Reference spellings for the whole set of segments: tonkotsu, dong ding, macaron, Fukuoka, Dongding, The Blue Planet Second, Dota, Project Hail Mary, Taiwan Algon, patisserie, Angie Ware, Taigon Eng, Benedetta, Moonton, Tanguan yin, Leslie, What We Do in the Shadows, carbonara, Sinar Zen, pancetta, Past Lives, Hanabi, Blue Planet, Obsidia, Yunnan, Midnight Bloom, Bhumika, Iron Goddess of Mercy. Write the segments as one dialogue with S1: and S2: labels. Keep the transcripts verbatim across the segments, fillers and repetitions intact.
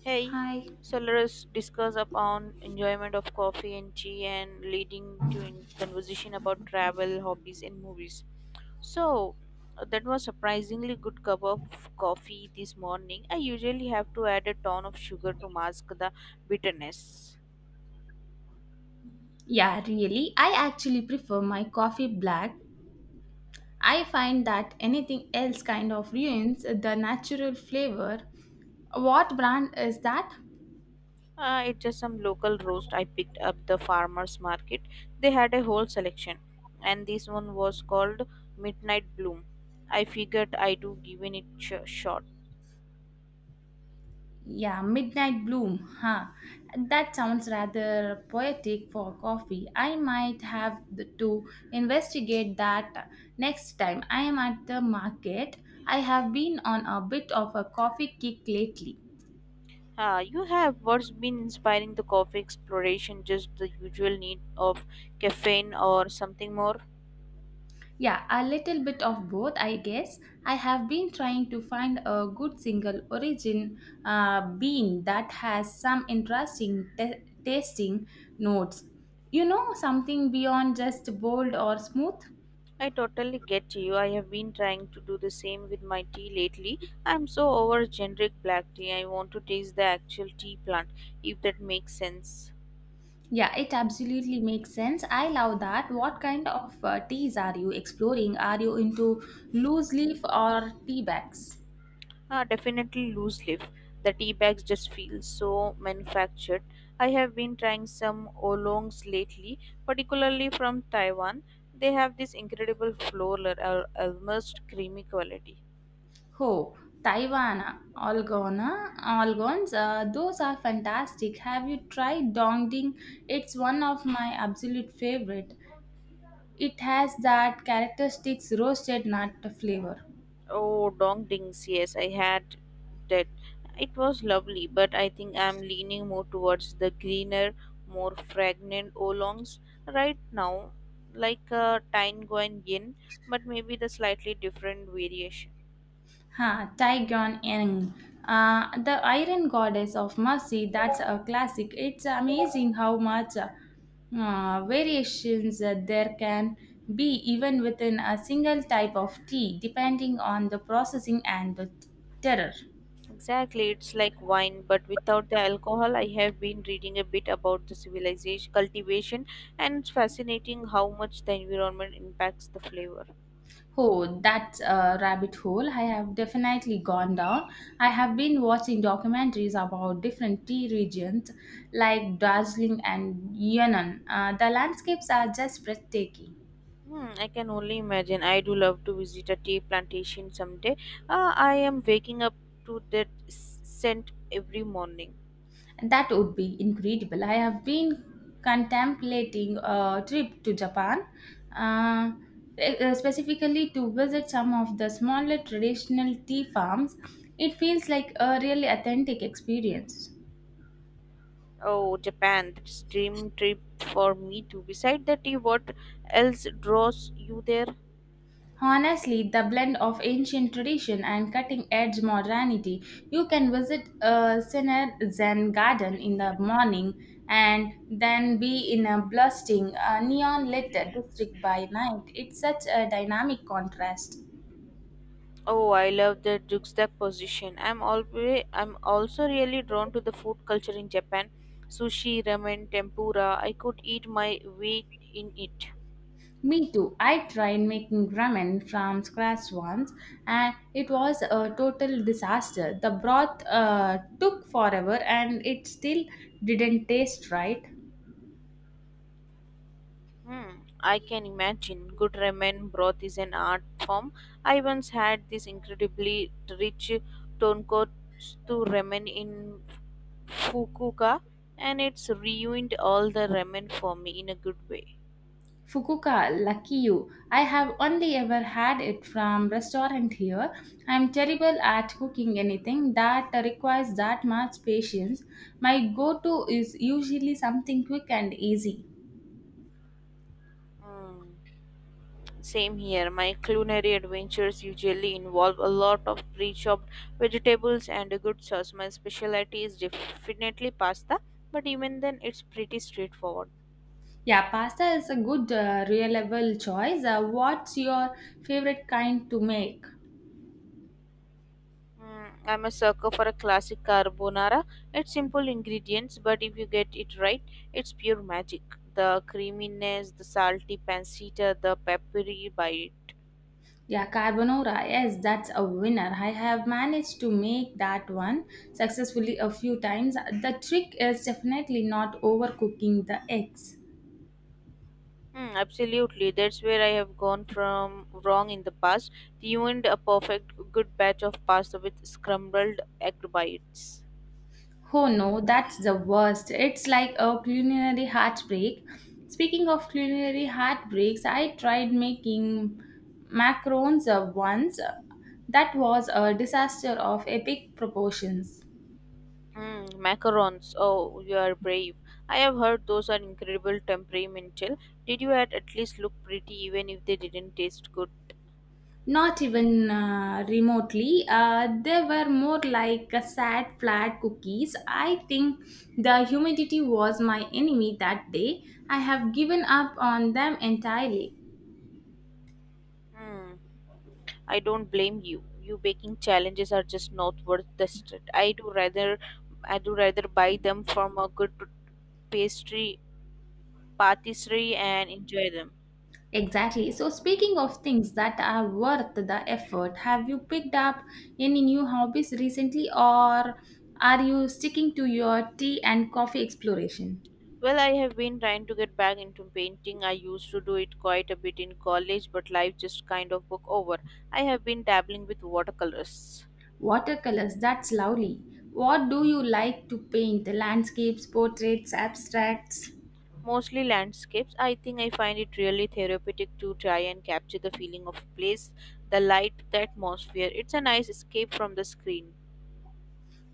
S1: Hey,
S2: Hi.
S1: so let us discuss upon enjoyment of coffee and tea and leading to in conversation about travel, hobbies, and movies. So uh, that was surprisingly good cup of coffee this morning. I usually have to add a ton of sugar to mask the bitterness.
S2: Yeah, really. I actually prefer my coffee black. I find that anything else kind of ruins the natural flavor. What brand is that?
S1: Uh, it's just some local roast I picked up the farmers market. They had a whole selection, and this one was called Midnight Bloom. I figured I do given it sh- shot.
S2: Yeah, Midnight Bloom. Huh. That sounds rather poetic for coffee. I might have the- to investigate that next time I am at the market. I have been on a bit of a coffee kick lately.
S1: Uh, you have what's been inspiring the coffee exploration, just the usual need of caffeine or something more?
S2: Yeah, a little bit of both, I guess. I have been trying to find a good single origin uh, bean that has some interesting ta- tasting notes. You know, something beyond just bold or smooth?
S1: I totally get you. I have been trying to do the same with my tea lately. I'm so over generic black tea. I want to taste the actual tea plant, if that makes sense.
S2: Yeah, it absolutely makes sense. I love that. What kind of uh, teas are you exploring? Are you into loose leaf or tea bags?
S1: Ah, definitely loose leaf. The tea bags just feel so manufactured. I have been trying some oolongs lately, particularly from Taiwan. They have this incredible floral, al- almost creamy quality.
S2: Oh, Taiwan Algon, Algons, uh, all gone. Uh, those are fantastic. Have you tried Dongding? It's one of my absolute favorite. It has that characteristic roasted nut flavor.
S1: Oh, dong dings, yes, I had that. It was lovely, but I think I'm leaning more towards the greener, more fragrant oolongs right now, like a Tanguan yin, but maybe the slightly different variation.
S2: Ha, Taigon Eng. Uh, The Iron Goddess of Mercy, that's a classic. It's amazing how much uh, uh, variations uh, there can be even within a single type of tea, depending on the processing and the terroir.
S1: Exactly, it's like wine, but without the alcohol. I have been reading a bit about the civilization cultivation, and it's fascinating how much the environment impacts the flavor.
S2: Oh, that uh, rabbit hole I have definitely gone down. I have been watching documentaries about different tea regions like Darjeeling and Yunnan. Uh, the landscapes are just breathtaking.
S1: Hmm, I can only imagine. I do love to visit a tea plantation someday. Ah, I am waking up to that s- scent every morning.
S2: That would be incredible. I have been contemplating a trip to Japan, uh, eh, specifically to visit some of the smaller traditional tea farms. It feels like a really authentic experience.
S1: Oh, Japan, that's dream trip for me too. Beside the tea, what else draws you there?
S2: Honestly, the blend of ancient tradition and cutting edge modernity. You can visit a Sinar Zen garden in the morning and then be in a blasting, neon lit district by night. It's such a dynamic contrast.
S1: Oh, I love the Jukstep position. I'm always I'm also really drawn to the food culture in Japan. Sushi, ramen, tempura. I could eat my weight in it.
S2: Me too. I tried making ramen from scratch once and it was a total disaster. The broth uh, took forever and it still didn't taste right.
S1: Hmm, I can imagine. Good ramen broth is an art form. I once had this incredibly rich tonkotsu ramen in Fukuoka, and it's ruined all the ramen for me in a good way.
S2: Fukuoka, lucky you. I have only ever had it from restaurant here. I am terrible at cooking anything that requires that much patience. My go-to is usually something quick and easy.
S1: Hmm. Same here. My culinary adventures usually involve a lot of pre-chopped vegetables and a good sauce. My specialty is definitely pasta, but even then, it's pretty straightforward.
S2: Yeah, pasta is a good uh, reliable choice. Uh, what's your favorite kind to make?
S1: Mm, I'm a sucker for a classic carbonara. It's simple ingredients, but if you get it right, it's pure magic. The creaminess, the salty pancetta, the peppery bite.
S2: Yeah, carbonara. Yes, that's a winner. I have managed to make that one successfully a few times. The trick is definitely not overcooking the eggs.
S1: Hmm, absolutely. That's where I have gone from wrong in the past. Tuned a perfect good batch of pasta with scrambled egg bites.
S2: Oh no, that's the worst. It's like a culinary heartbreak. Speaking of culinary heartbreaks, I tried making macarons uh, once. That was a disaster of epic proportions.
S1: Mm, macarons. Oh, you are brave. I have heard those are incredible temperamental. Did you at, at least look pretty even if they didn't taste good?
S2: Not even uh, remotely. Uh, they were more like a sad, flat cookies. I think the humidity was my enemy that day. I have given up on them entirely.
S1: Hmm. I don't blame you. You baking challenges are just not worth the stress. I do rather, I do rather buy them from a good pastry patisserie and enjoy them.
S2: Exactly. So, speaking of things that are worth the effort, have you picked up any new hobbies recently, or are you sticking to your tea and coffee exploration?
S1: Well, I have been trying to get back into painting. I used to do it quite a bit in college, but life just kind of took over. I have been dabbling with watercolors,
S2: Watercolors, that's lovely. What do you like to paint? Landscapes, portraits, abstracts?
S1: mostly landscapes. I think I find it really therapeutic to try and capture the feeling of a place, the light, the atmosphere. It's a nice escape from the screen.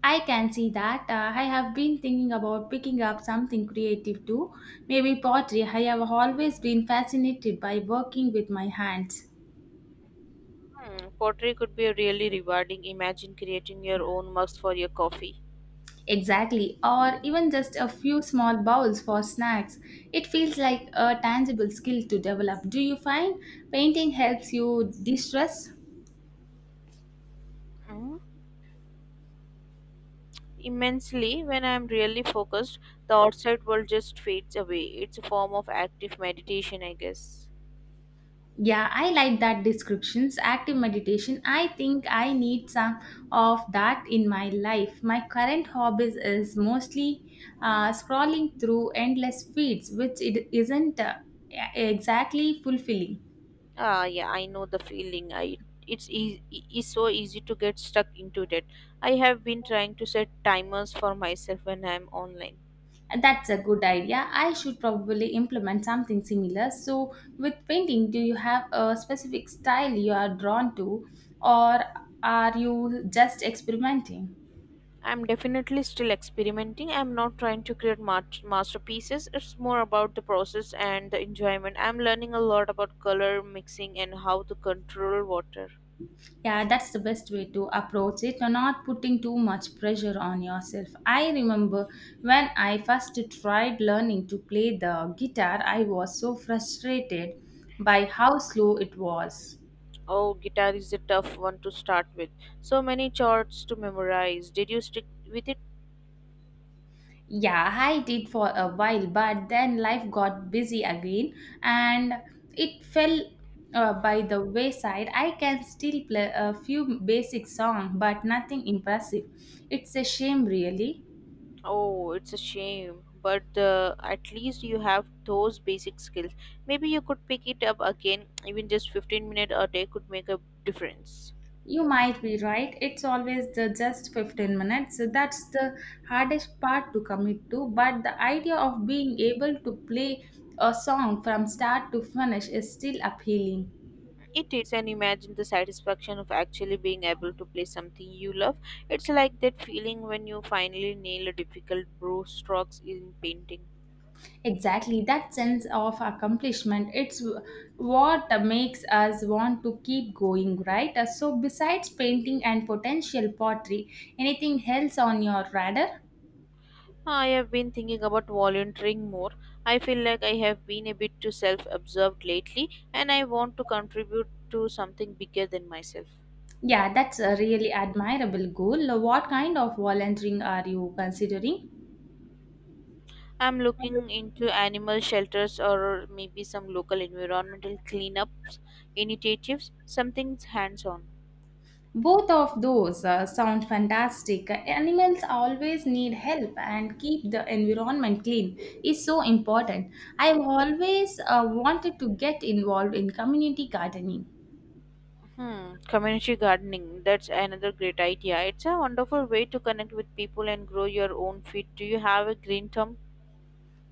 S2: I can see that. Uh, I have been thinking about picking up something creative too, maybe pottery. I have always been fascinated by working with my hands.
S1: Hmm, pottery could be really rewarding. Imagine creating your own mugs for your coffee.
S2: Exactly, or even just a few small bowls for snacks. It feels like a tangible skill to develop. Do you find painting helps you de stress?
S1: Mhm. Immensely when I am really focused. The outside world just fades away. It's a form of active meditation, I guess.
S2: Yeah, I like that descriptions. Active meditation. I think I need some of that in my life. My current hobbies is mostly uh, scrolling through endless feeds, which it isn't uh, exactly fulfilling.
S1: Ah, yeah, I know the feeling. I it's e- e- is so easy to get stuck into that. I have been trying to set timers for myself when I'm online.
S2: That's a good idea. I should probably implement something similar. So, with painting, do you have a specific style you are drawn to, or are you just experimenting?
S1: I'm definitely still experimenting. I'm not trying to create ma- masterpieces. It's more about the process and the enjoyment. I'm learning a lot about color mixing and how to control water.
S2: Yeah, that's the best way to approach it. You're not putting too much pressure on yourself. I remember when I first tried learning to play the guitar, I was so frustrated by how slow it was.
S1: Oh, guitar is a tough one to start with. So many chords to memorize. Did you stick with it?
S2: Yeah, I did for a while, but then life got busy again and it fell uh, by the wayside. I can still play a few basic songs, but nothing impressive. It's a shame, really.
S1: Oh, it's a shame. But uh, at least you have those basic skills. Maybe you could pick it up again. Even just fifteen minutes a day could make a difference.
S2: You might be right. It's always the just fifteen minutes. So that's the hardest part to commit to, but the idea of being able to play a song from start to finish is still appealing.
S1: It is, and imagine the satisfaction of actually being able to play something you love. It's like that feeling when you finally nail a difficult brush strokes in painting.
S2: Exactly, that sense of accomplishment, it's what makes us want to keep going, right? Uh, So, besides painting and potential pottery, anything else on your radar?
S1: I have been thinking about volunteering more. I feel like I have been a bit too self absorbed lately and I want to contribute to something bigger than myself.
S2: Yeah, that's a really admirable goal. Uh, What kind of volunteering are you considering?
S1: I'm looking into animal shelters or maybe some local environmental cleanup initiatives, something hands on.
S2: Both of those uh, sound fantastic. Uh, Animals always need help, and keep the environment clean is so important. I've always uh, wanted to get involved in community gardening.
S1: Hmm, community gardening. That's another great idea. It's a wonderful way to connect with people and grow your own feed. Do you have a green thumb?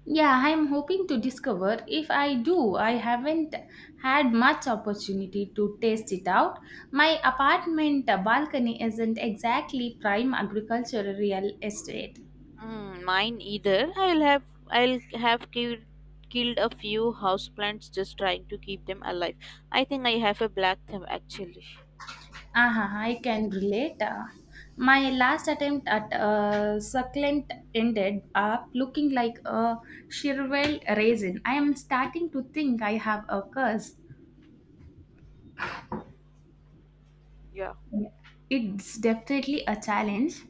S2: Yeah, I'm hoping to discover if I do. I haven't had much opportunity to taste it out. My apartment uh, balcony isn't exactly prime agricultural real estate.
S1: Mm, mine either. I'll have I'll have killed Killed a few houseplants just trying to keep them alive. I think I have a black thumb actually.
S2: Aha, I can relate. Uh, My last attempt at a succulent ended up looking like a Shirwell raisin. I am starting to think I have a curse.
S1: Yeah.
S2: Yeah. It's definitely a challenge.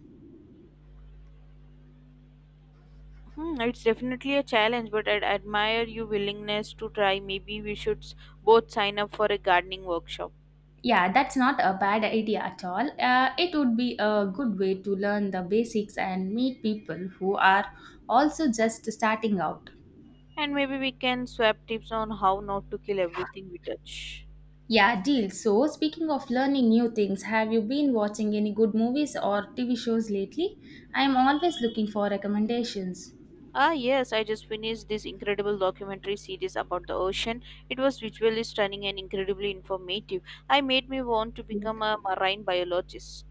S1: Hmm, it's definitely a challenge, but I would admire your willingness to try. Maybe we should s- both sign up for a gardening workshop.
S2: Yeah, that's not a bad idea at all. Uh, it would be a good way to learn the basics and meet people who are also just starting out.
S1: And maybe we can swap tips on how not to kill everything we touch.
S2: Yeah, deal. So, speaking of learning new things, have you been watching any good movies or T V shows lately? I'm always looking for recommendations.
S1: Ah, yes, I just finished this incredible documentary series about the ocean. It was visually stunning and incredibly informative. I made me want to become a marine biologist.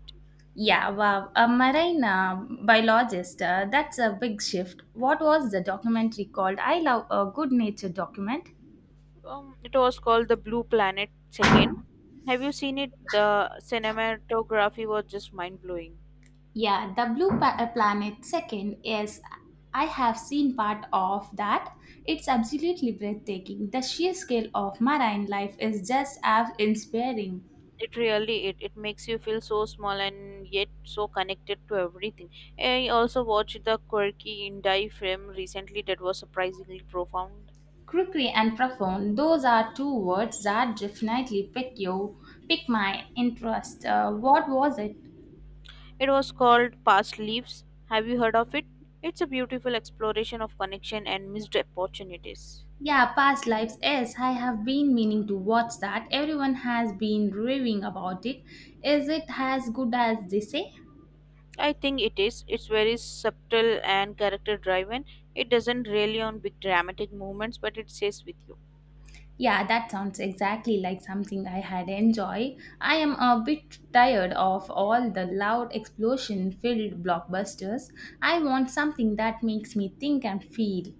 S2: Yeah, wow. A marine uh, biologist, uh, that's a big shift. What was the documentary called? I love a good nature document.
S1: Um, it was called The Blue Planet Second. Have you seen it? The cinematography was just mind blowing.
S2: Yeah, the blue pa- uh, planet second is I have seen part of that. It's absolutely breathtaking. The sheer scale of marine life is just as inspiring.
S1: It really it, it makes you feel so small and yet so connected to everything. I also watched the quirky indie film recently that was surprisingly profound.
S2: Crookery and profound, those are two words that definitely pick you, pick my interest. Uh, what was it?
S1: It was called Past Leaves. Have you heard of it? It's a beautiful exploration of connection and missed opportunities.
S2: Yeah, past lives. Yes, I have been meaning to watch that. Everyone has been raving about it. Is it as good as they say?
S1: I think it is. It's very subtle and character driven. It doesn't really on big dramatic movements, but it stays with you.
S2: Yeah, that sounds exactly like something I had enjoy. I am a bit tired of all the loud explosion-filled blockbusters. I want something that makes me think and feel.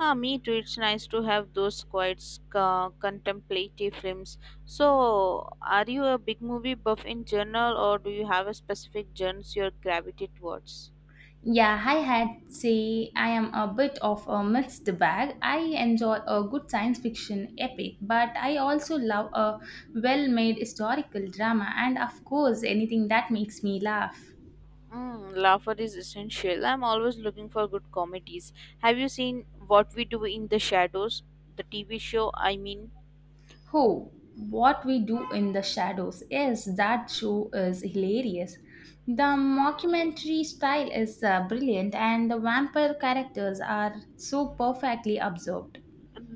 S1: Ah, me too. It's nice to have those quiet, uh, contemplative films. So, are you a big movie buff in general, or do you have a specific genres you gravitate towards?
S2: Yeah, I had say I am a bit of a mixed bag. I enjoy a good science fiction epic, but I also love a well-made historical drama and of course anything that makes me laugh.
S1: Mm, laughter is essential. I'm always looking for good comedies. Have you seen What We Do in the Shadows? The T V show, I mean,
S2: Oh, What We Do in the Shadows. Yes, that show is hilarious. The mockumentary style is uh, brilliant, and the vampire characters are so perfectly observed.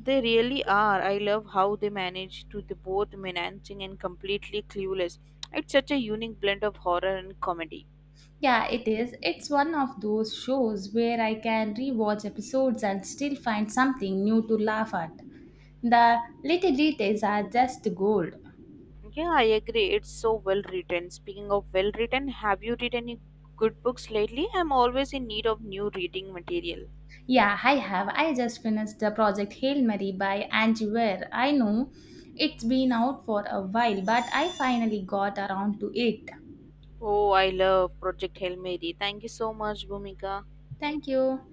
S1: they really are. I love how they manage to be both menacing and completely clueless. It's such a unique blend of horror and comedy.
S2: Yeah, it is. It's one of those shows where I can rewatch episodes and still find something new to laugh at. The little details are just gold.
S1: Yeah, I agree. It's so well written. Speaking of well written, have you read any good books lately? I'm always in need of new reading material.
S2: Yeah, I have. I just finished the project Hail Mary by Angie Ware. I know it's been out for a while, but I finally got around to it.
S1: Oh, I love Project Hail Mary. Thank you so much, Bhumika.
S2: Thank you.